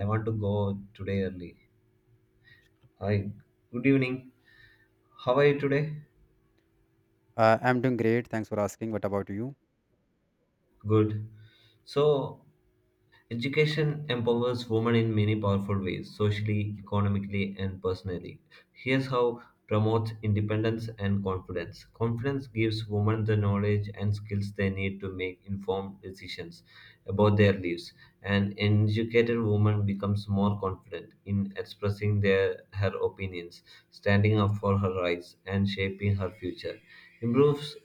I want to go today early. Hi, good evening. How are you today? I'm doing great. Thanks for asking. What about you? Good. So, Education empowers women in many powerful ways, socially, economically, and personally. Here's how promotes independence and confidence. Confidence gives women the knowledge and skills they need to make informed decisions about their lives. An educated woman becomes more confident in expressing their her opinions, standing up for her rights, and shaping her future. Improves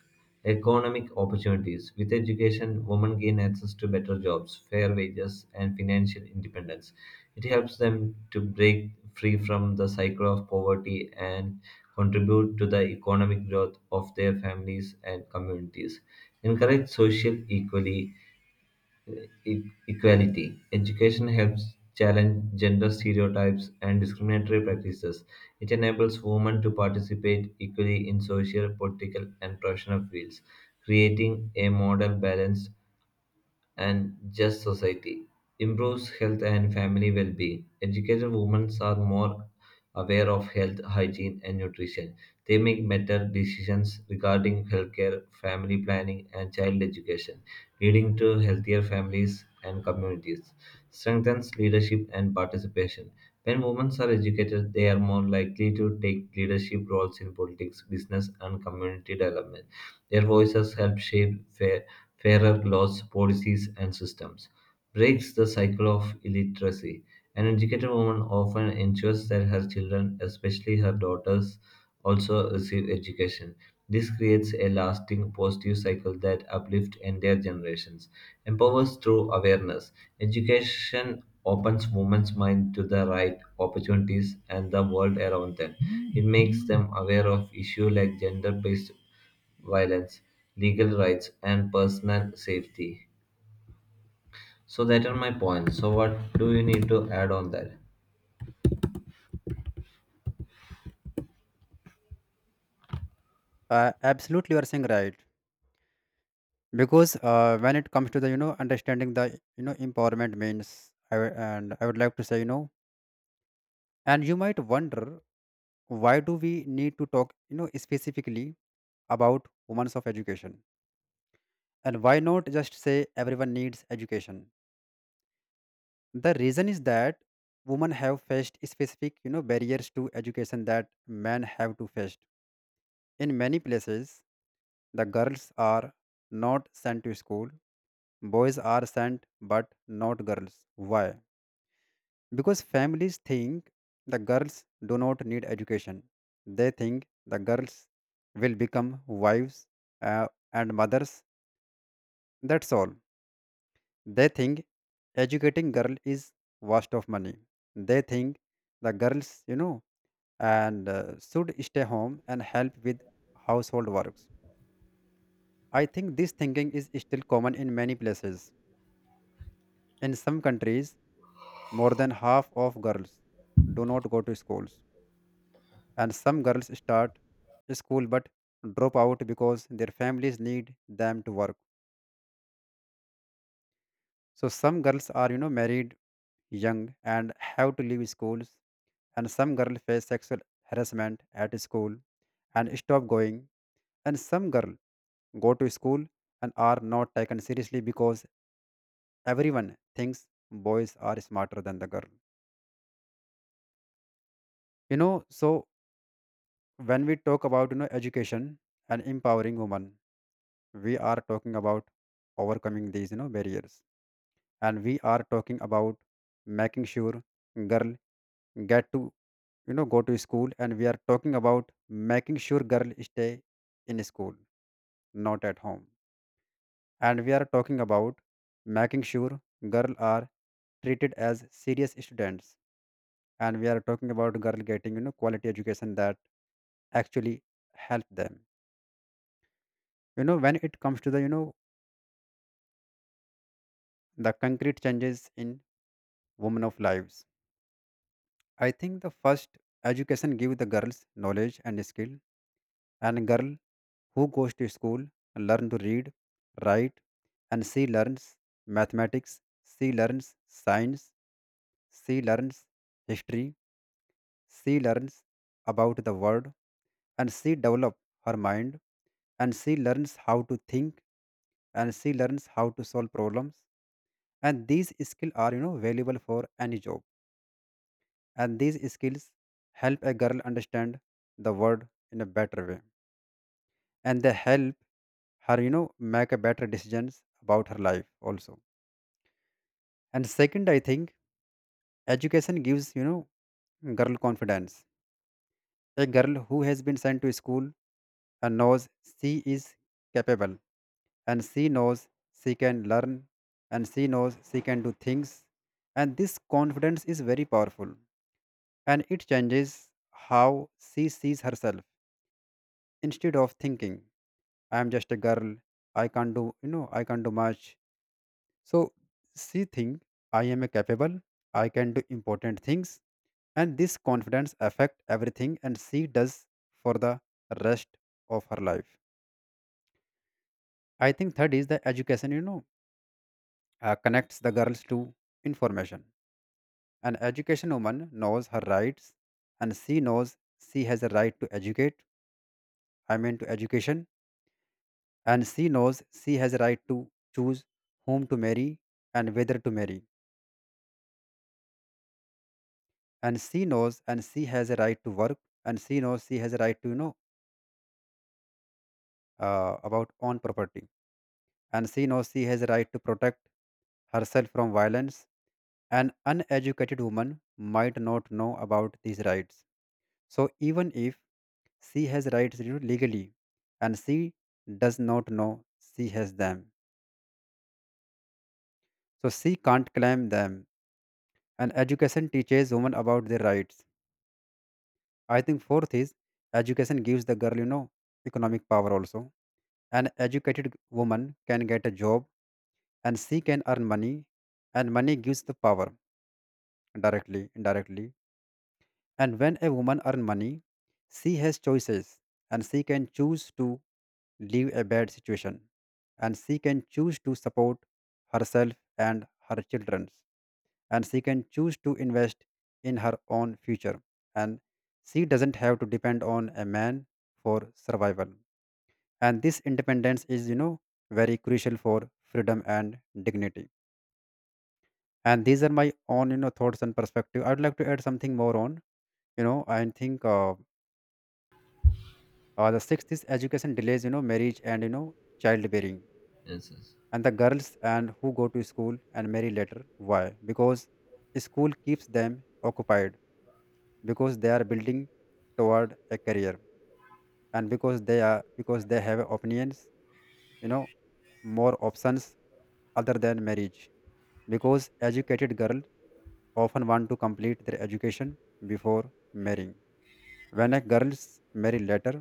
Economic opportunities: With education, women gain access to better jobs, fair wages, and financial independence. It helps them to break free from the cycle of poverty and contribute to the economic growth of their families and communities. Encourage social equality e- equality. Education helps challenge gender stereotypes and discriminatory practices. It enables women to participate equally in social, political, and professional fields, creating a model balanced and just society, improves health and family well being. Educated women are more aware of health, hygiene, and nutrition. They make better decisions regarding healthcare, family planning, and child education, leading to healthier families and communities. Strengthens leadership and participation. When women are educated, they are more likely to take leadership roles in politics, business, and community development. Their voices help shape fairer laws, policies, and systems, breaks the cycle of illiteracy. An educated woman often ensures that her children, especially her daughters, also receive education. This creates a lasting positive cycle that uplifts entire generations, empowers through awareness. Education opens women's mind to the right opportunities and the world around them. It makes them aware of issues like gender-based violence, legal rights, and personal safety. So that are my points. So what do you need to add on that? Absolutely, you are saying right. Because when it comes to the understanding the empowerment means, I, w- and I would like to say, and you might wonder why do we need to talk specifically about women's of education and why not just say everyone needs education? The reason is that women have faced specific barriers to education that men have to face in many places. The girls are not sent to school. Boys are sent, but not girls. Why? Because families think the girls do not need education. They think the girls will become wives and mothers. That's all. They think educating girl is waste of money. They think the girls, and should stay home and help with household works. I think this thinking is still common in many places. In some countries, more than half of girls do not go to schools, and some girls start school but drop out because their families need them to work. So some girls are, married young and have to leave schools, and some girls face sexual harassment at school and stop going, and some girls go to school and are not taken seriously because everyone thinks boys are smarter than the girl. You know, so when we talk about education and empowering women, we are talking about overcoming these barriers, and we are talking about making sure girl get to go to school, and we are talking about making sure girl stay in school, not at home, and we are talking about making sure girl are treated as serious students, and we are talking about girl getting quality education that actually help them. You know when it comes to the the concrete changes in women of lives, I think the first, education give the girls knowledge and skill. And a girl who goes to school learn to read, write, and she learns mathematics, she learns science, she learns history, she learns about the world, and she develop her mind, and she learns how to think, and she learns how to solve problems, and these skills are valuable for any job, and these skills help a girl understand the world in a better way, and they help her make a better decisions about her life also. And second, I think education gives girl confidence. A girl who has been sent to school and knows she is capable, and she knows she can learn, and she knows she can do things, and this confidence is very powerful, and it changes how she sees herself. Instead of thinking, I am just a girl, I can't do, I can't do much. So she think, I am a capable, I can do important things, and this confidence affect everything and she does for the rest of her life. I think third is the education, connects the girls to information. An education woman knows her rights, and she knows she has a right to educate, I mean to education, and she knows she has a right to choose whom to marry and whether to marry, and she knows and she has a right to work, and she knows she has a right to about own property, and she knows she has a right to protect herself from violence. An uneducated woman might not know about these rights, so even if she has rights, legally, and she does not know she has them, so she can't claim them, and education teaches women about their rights. I think fourth is education gives the girl, economic power also. An educated woman can get a job and she can earn money, and money gives the power directly, indirectly. And when a woman earns money, she has choices, and she can choose to leave a bad situation, and she can choose to support herself and her children, and she can choose to invest in her own future, and she doesn't have to depend on a man for survival, and this independence is very crucial for freedom and dignity. And these are my own thoughts and perspective. I'd like to add something more on. You know I think the sixth is education delays marriage and childbearing, Yes, yes. and the girls and who go to school and marry later. Why? Because school keeps them occupied, because they are building toward a career, and because they are because they have opinions, you know more options other than marriage, because educated girls often want to complete their education before marrying. When a girls marry later,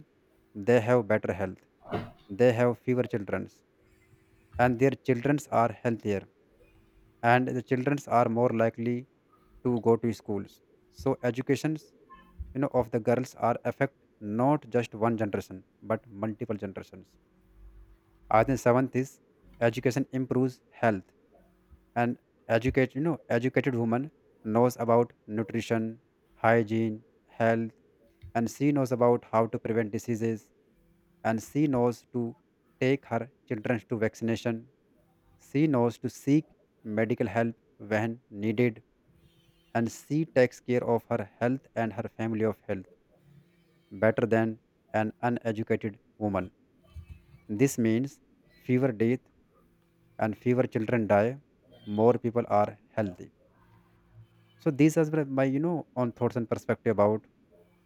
they have better health, they have fewer children, and their children are healthier, and the children are more likely to go to schools. So educations, of the girls are affect not just one generation but multiple generations. I think seventh is education improves health, and educated woman knows about nutrition, hygiene, health, and she knows about how to prevent diseases, and she knows to take her children to vaccination. She knows to seek medical help when needed, and she takes care of her health and her family of health better than an uneducated woman. This means fewer death and fewer children die, more people are healthy. So these are my on thoughts and perspective about.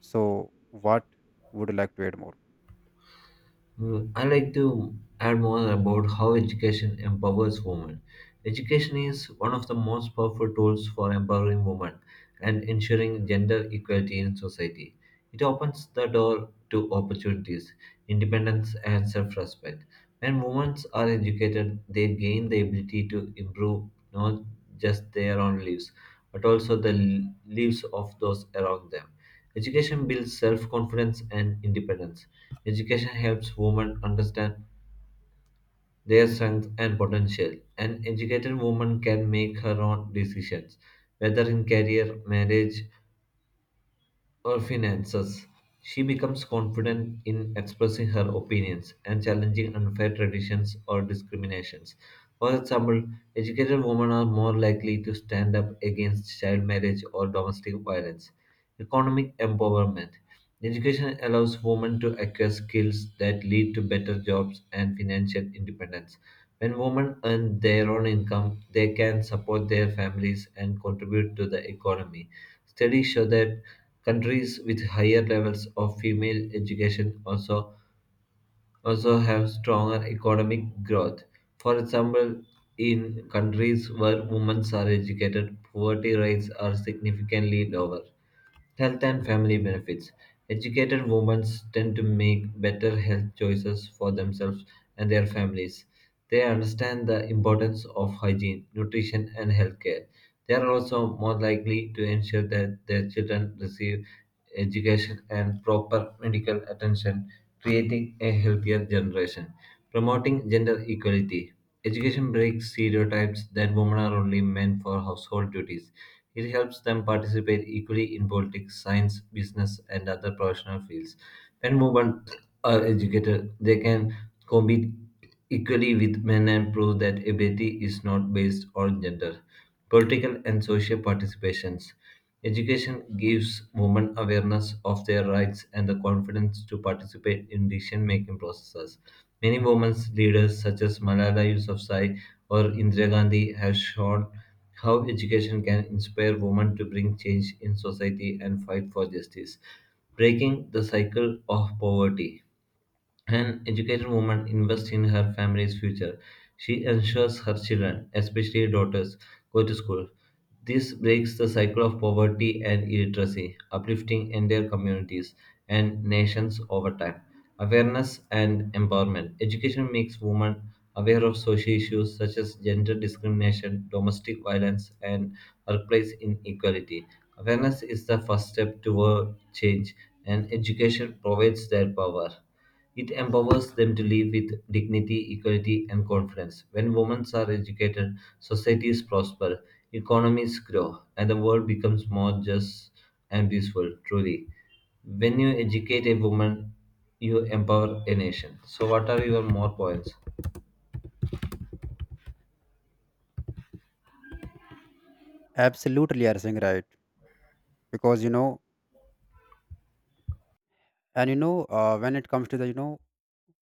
So what would you like to add more? Mm, I like to add more about how education empowers women. Education is one of the most powerful tools for empowering women and ensuring gender equality in society. It opens the door to opportunities, independence, and self respect. When women are educated, they gain the ability to improve not just their own lives, but also the lives of those around them. Education builds self confidence and independence. Education helps women understand their strengths and potential. An educated woman can make her own decisions, whether in career, marriage, her finances. She becomes confident in expressing her opinions and challenging unfair traditions or discriminations. For example, educated women are more likely to stand up against child marriage or domestic violence. Economic empowerment. Education allows women to acquire skills that lead to better jobs and financial independence. When women earn their own income, they can support their families and contribute to the economy. Studies show that countries with higher levels of female education also have stronger economic growth. For example, in countries where women are educated, poverty rates are significantly lower. Health and family benefits. Educated women tend to make better health choices for themselves and their families. They understand the importance of hygiene, nutrition, and healthcare. They are also more likely to ensure that their children receive education and proper medical attention, creating a healthier generation. Promoting gender equality. Education breaks stereotypes that women are only meant for household duties. It helps them participate equally in politics, science, business, and other professional fields. When women are educated, they can compete equally with men and prove that ability is not based on gender. Political and social participations. Education gives women awareness of their rights and the confidence to participate in decision making processes. Many women leaders, such as Malala Yousafzai or Indira Gandhi, have shown how education can inspire women to bring change in society and fight for justice, breaking the cycle of poverty. An educated woman invests in her family's future. She ensures her children, especially daughters, go to school. This breaks the cycle of poverty and illiteracy, uplifting entire communities and nations over time. Awareness and empowerment. Education makes women aware of social issues such as gender discrimination, domestic violence, and workplace inequality. Awareness is the first step toward change, and education provides that power. It empowers them to live with dignity, equality, and confidence. When women are educated, societies prosper, economies grow, and the world becomes more just and peaceful, truly. When you educate a woman, you empower a nation. So, what are your more points? Absolutely, you are saying right, because you know and you know when it comes to the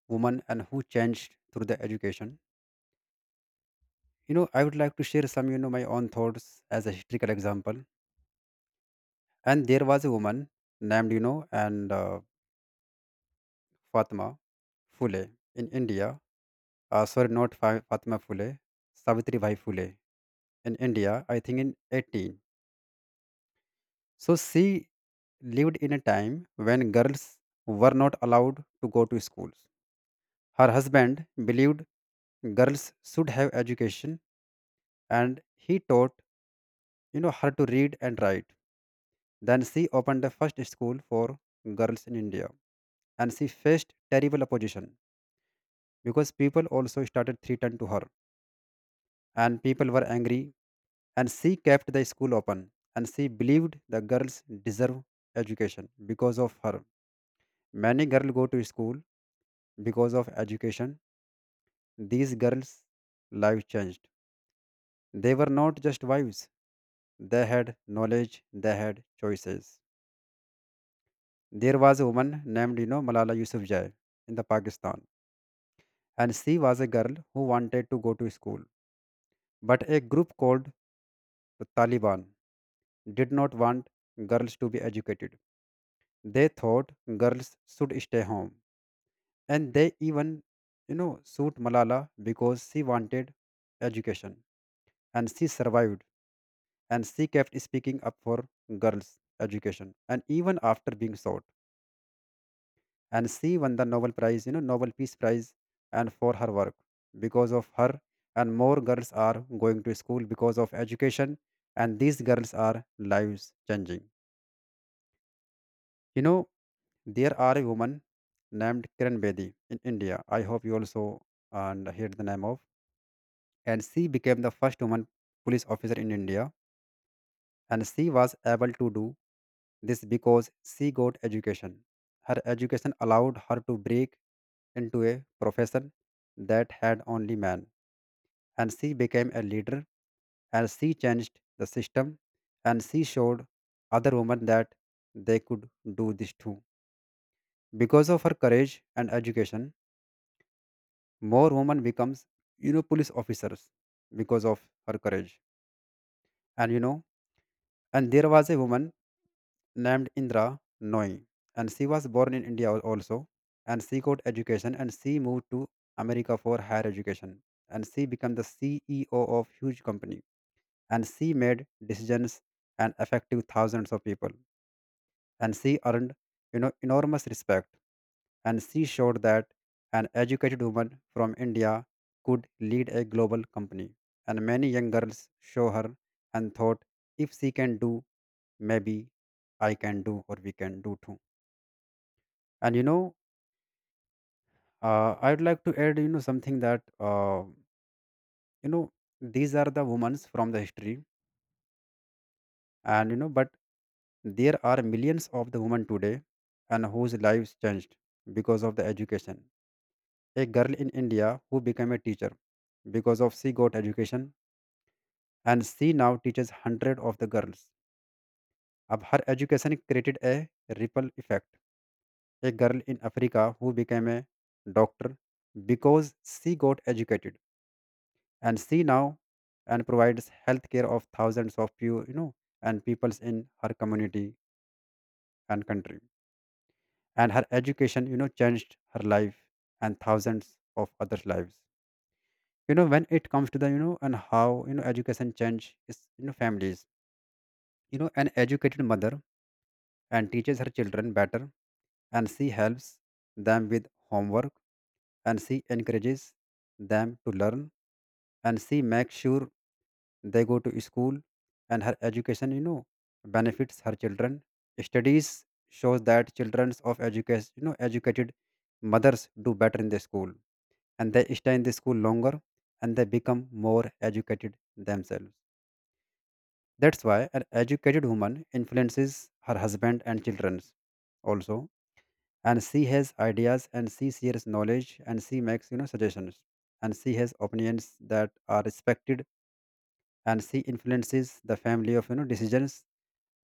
woman and who changed through the education, I would like to share some my own thoughts as a historical example. And there was a woman named you know and Fatma Fule in India. Sorry, not Fatma Fule, Savitri Bhai Fule in India. I think in 18. So she lived in a time when girls were not allowed to go to schools. Her husband believed girls should have education, and he taught her to read and write. Then she opened the first school for girls in India, and she faced terrible opposition because people also started threatening to her, and people were angry, and she kept the school open, and she believed the girls deserve education. Because of her, many girls go to school. Because of education, these girls life changed. They were not just wives, they had knowledge, they had choices. There was a woman named Malala Yousafzai in the Pakistan, and she was a girl who wanted to go to school, but a group called the Taliban did not want girls to be educated. They thought girls should stay home. And they even, sued Malala because she wanted education, and she survived, and she kept speaking up for girls' education. And even after being sought, and she won the Nobel Prize, Nobel Peace Prize, and for her work because of her. And more girls are going to school because of education, and these girls are lives changing. You know, There are a woman named Kiran Bedi in India. I hope you also and heard the name of. And she became the first woman police officer in India. And she was able to do this because she got education. Her education allowed her to break into a profession that had only men. And she became a leader, and she changed the system, and she showed other women that they could do this too. Because of her courage and education, more women becomes police officers because of her courage. And and there was a woman named Indra Noy, and she was born in India also, and she got education and she moved to America for higher education, and she became the CEO of huge company, and she made decisions and affected thousands of people, and she earned enormous respect, and she showed that an educated woman from India could lead a global company. And many young girls saw her and thought, if she can do, maybe I can do or we can do too. And you know, I'd like to add, something that, you know, these are the women from the history. And, but there are millions of the women today, and whose lives changed because of the education. A girl in India who became a teacher because of she got education, and she now teaches hundred of the girls. Ab her education created a ripple effect. A girl in Africa who became a doctor because she got educated, and she now and provides healthcare of thousands of and peoples in her community and country. And her education changed her life and thousands of others' lives. When it comes to the you know and how education change is, families, an educated mother and teaches her children better, and she helps them with homework, and she encourages them to learn, and she makes sure they go to school, and her education benefits her children. Studies shows that children of education, educated mothers do better in the school, and they stay in the school longer, and they become more educated themselves. That's why an educated woman influences her husband and children also. And she has ideas, and she shares knowledge, and she makes, suggestions. And she has opinions that are respected, and she influences the family of, decisions,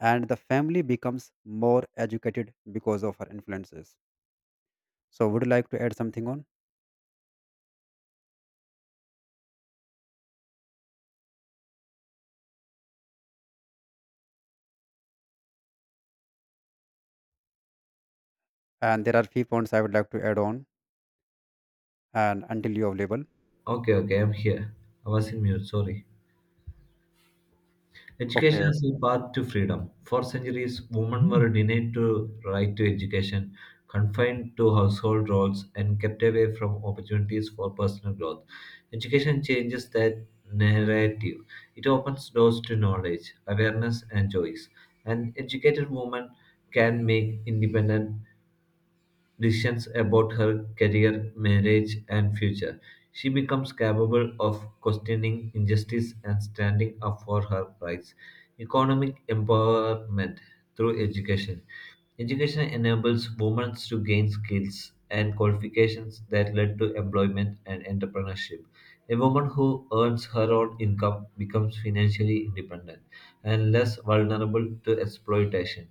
and the family becomes more educated because of her influences. So would you like to add something on? And there are few points I would like to add on and until you are available. Okay, okay, I'm here. I was in mute, sorry. Education Okay. is the path to freedom. For centuries, women were denied the right to education, confined to household roles, and kept away from opportunities for personal growth. Education changes that narrative. It opens doors to knowledge, awareness, and choice. An educated woman can make independent decisions about her career, marriage, and future. She becomes capable of questioning injustice and standing up for her rights. Economic empowerment through education. Education enables women to gain skills and qualifications that lead to employment and entrepreneurship. A woman who earns her own income becomes financially independent and less vulnerable to exploitation.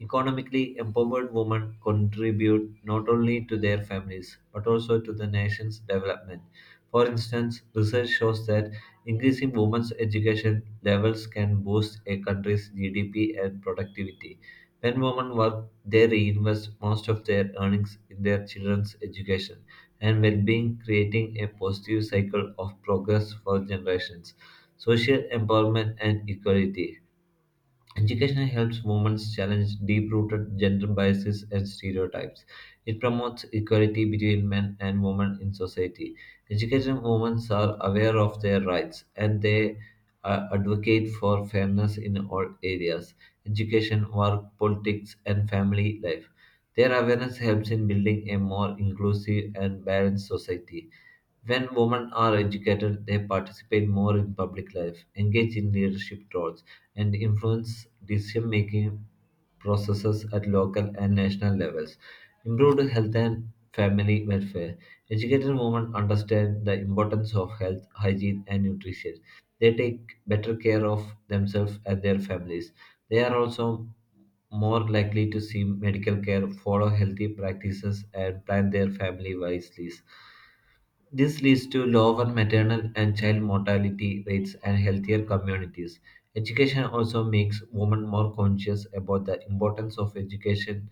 Economically empowered women contribute not only to their families but also to the nation's development. For instance, research shows that increasing women's education levels can boost a country's GDP and productivity. When women work, they reinvest most of their earnings in their children's education and well being, creating a positive cycle of progress for generations. Social empowerment and equality. Education helps women challenge deep rooted gender biases and stereotypes. It promotes equality between men and women in society. Educated women are aware of their rights, and they advocate for fairness in all areas: education, work, politics, and family life. Their awareness helps in building a more inclusive and balanced society. When women are educated, they participate more in public life, engage in leadership roles and influence decision-making processes at local and national levels. Improved health and family welfare. Educated women understand the importance of health, hygiene, and nutrition. They take better care of themselves and their families. They are also more likely to see medical care, follow healthy practices, and plan their family wisely. This leads to lower maternal and child mortality rates and healthier communities. Education also makes women more conscious about the importance of education,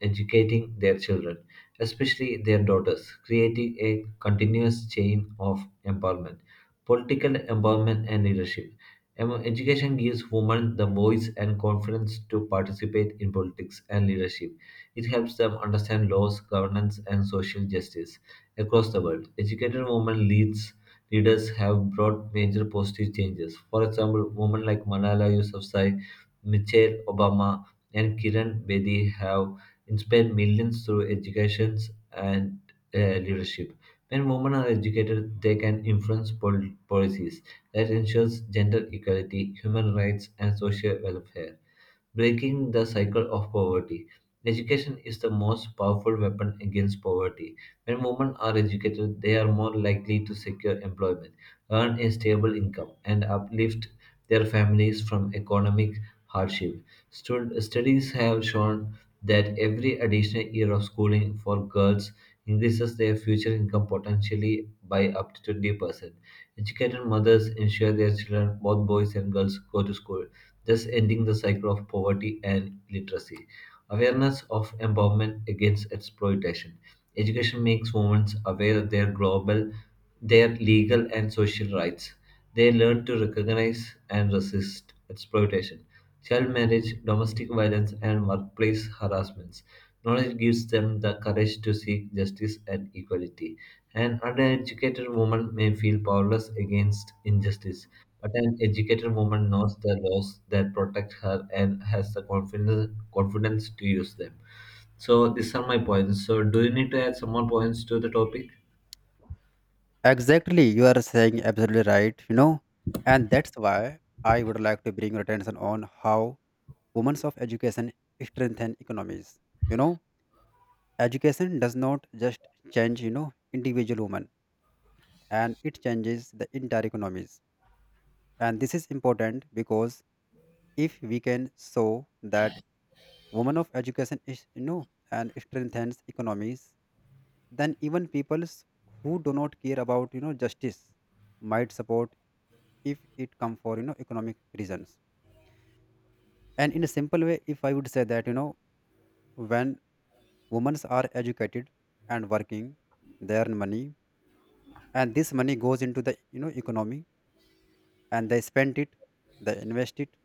educating their children, especially their daughters, creating a continuous chain of empowerment. Political empowerment and leadership. Education gives women the voice and confidence to participate in politics and leadership. It helps them understand laws, governance, and social justice. Across the world, educated women leads leaders have brought major positive changes. For example, women like Malala Yousafzai, Michelle Obama, and Kiran Bedi have inspired millions through education and uh, leadership. When women are educated, they can influence policies that ensures gender equality, human rights, and social welfare breaking the cycle of poverty. Education is the most powerful weapon against poverty. When women are educated, they are more likely to secure employment, earn a stable income, and uplift their families from economic hardship. Studies have shown that every additional year of schooling for girls increases their future income potentially by up to 20%. Educated mothers ensure their children, both boys and girls, go to school thus ending the cycle of poverty and literacy. Awareness of empowerment against exploitation. Education makes women aware of their global, their legal and social rights. They learn to recognize and resist exploitation. Child marriage, domestic violence, and workplace harassments. Knowledge gives them the courage to seek justice and equality. An uneducated woman may feel powerless against injustice, but an educated woman knows the laws that protect her and has the confidence to use them. So these are my points. So do you need to add some more points to the topic? Exactly, you are saying absolutely right, and that's why I would like to bring your attention on how women of education strengthen economies. You know, education does not just change, individual women, and it changes the entire economies. And this is important because if we can show that women of education is, and strengthens economies, then even peoples who do not care about, justice might support if it come for economic reasons. And in a simple way, if I would say that, when women are educated and working, they earn money, and this money goes into the economy, and they spend it, they invest it,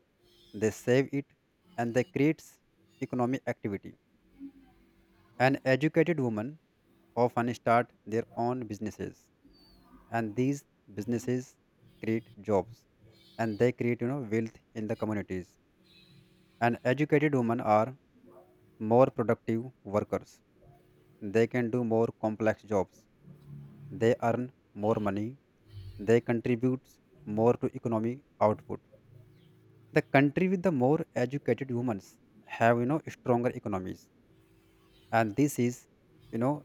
they save it, and they create economic activity. And educated women often start their own businesses, and these businesses create jobs, and they create, wealth in the communities. And educated women are more productive workers. They can do more complex jobs. They earn more money. They contribute more to economic output. The country with the more educated humans have, stronger economies, and this is, you know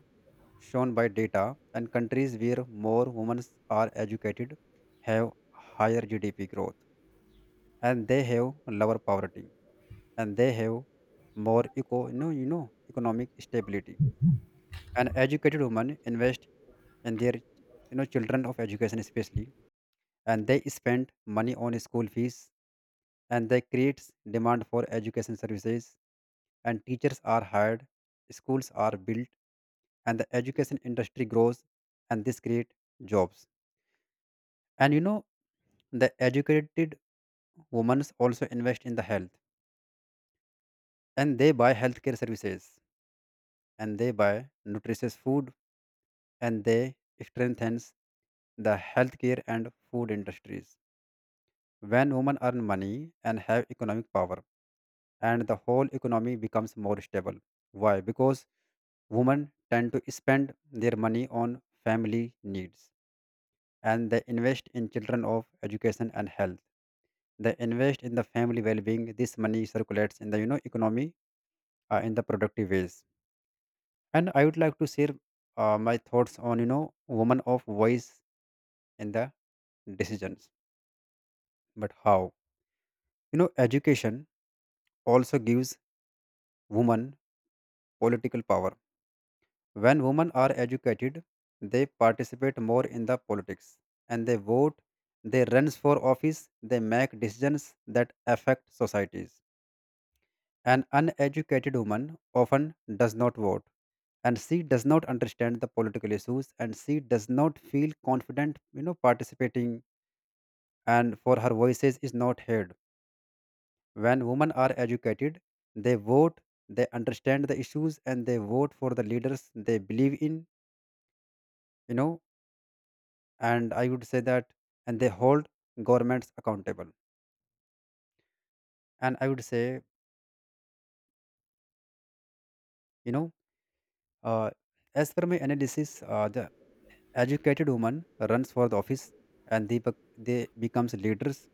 shown by data. And countries where more women are educated have higher GDP growth, and they have lower poverty, and they have more economic stability. An educated woman invest in their, children of education especially, and they spend money on school fees, and they creates demand for education services, and teachers are hired, schools are built, and the education industry grows, and this create jobs. And the educated women also invest in the health, and they buy healthcare services, and they buy nutritious food, and they strengthens the healthcare and food industries. When women earn money and have economic power, and the whole economy becomes more stable. Why? Because women tend to spend their money on family needs, and they invest in children of education and health. They invest in the family well-being. This money circulates in the economy, in the productive ways. And I would like to share my thoughts on, women of voice in the decisions. But how? Education also gives women political power. When women are educated, they participate more in the politics, and they vote, they run for office, they make decisions that affect societies. An uneducated woman often does not vote, and she does not understand the political issues, and she does not feel confident, participating, and for her voices is not heard. When women are educated, they vote, they understand the issues, and they vote for the leaders they believe in, you know and I would say that, and they hold governments accountable. And I would say, you know uh, as per my analysis, the educated woman runs for the office, and they becomes leaders,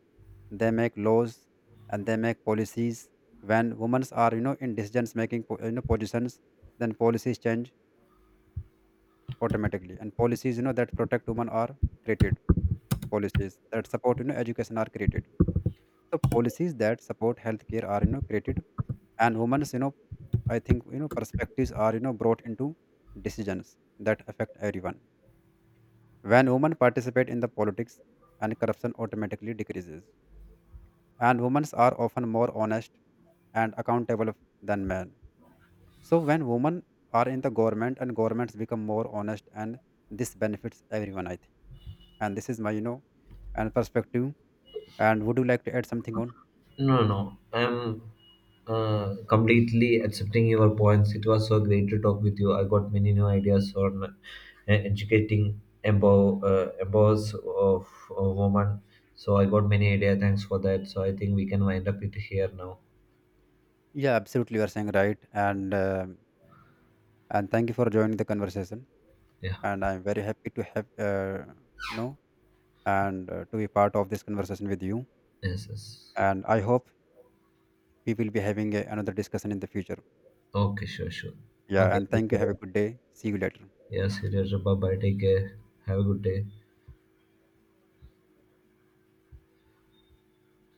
they make laws, and they make policies. When women are, in decisions making positions, then policies change automatically, and policies, that protect women are created, policies that support, education are created, so policies that support healthcare are, created. And women's, I think, perspectives are, brought into decisions that affect everyone. When women participate in the politics, and corruption automatically decreases, and women are often more honest and accountable than men. So when women are in the government, and governments become more honest, and this benefits everyone, I think. And this is my, and perspective. And would you like to add something on? No, no, no. I'm completely accepting your points. It was so great to talk with you. I got many new ideas on educating empowers of a woman. So I got many ideas. Thanks for that. So I think we can wind up it here now. Yeah, absolutely, you are saying right. And thank you for joining the conversation, Yeah. and I'm very happy to have you know and to be part of this conversation with you. Yes, yes. And I hope we will be having another discussion in the future. Okay, sure, sure. Yeah, Okay, and take thank you. Have a care. good day. See you later. Yes, it is. Bye bye. Take care. Have a good day.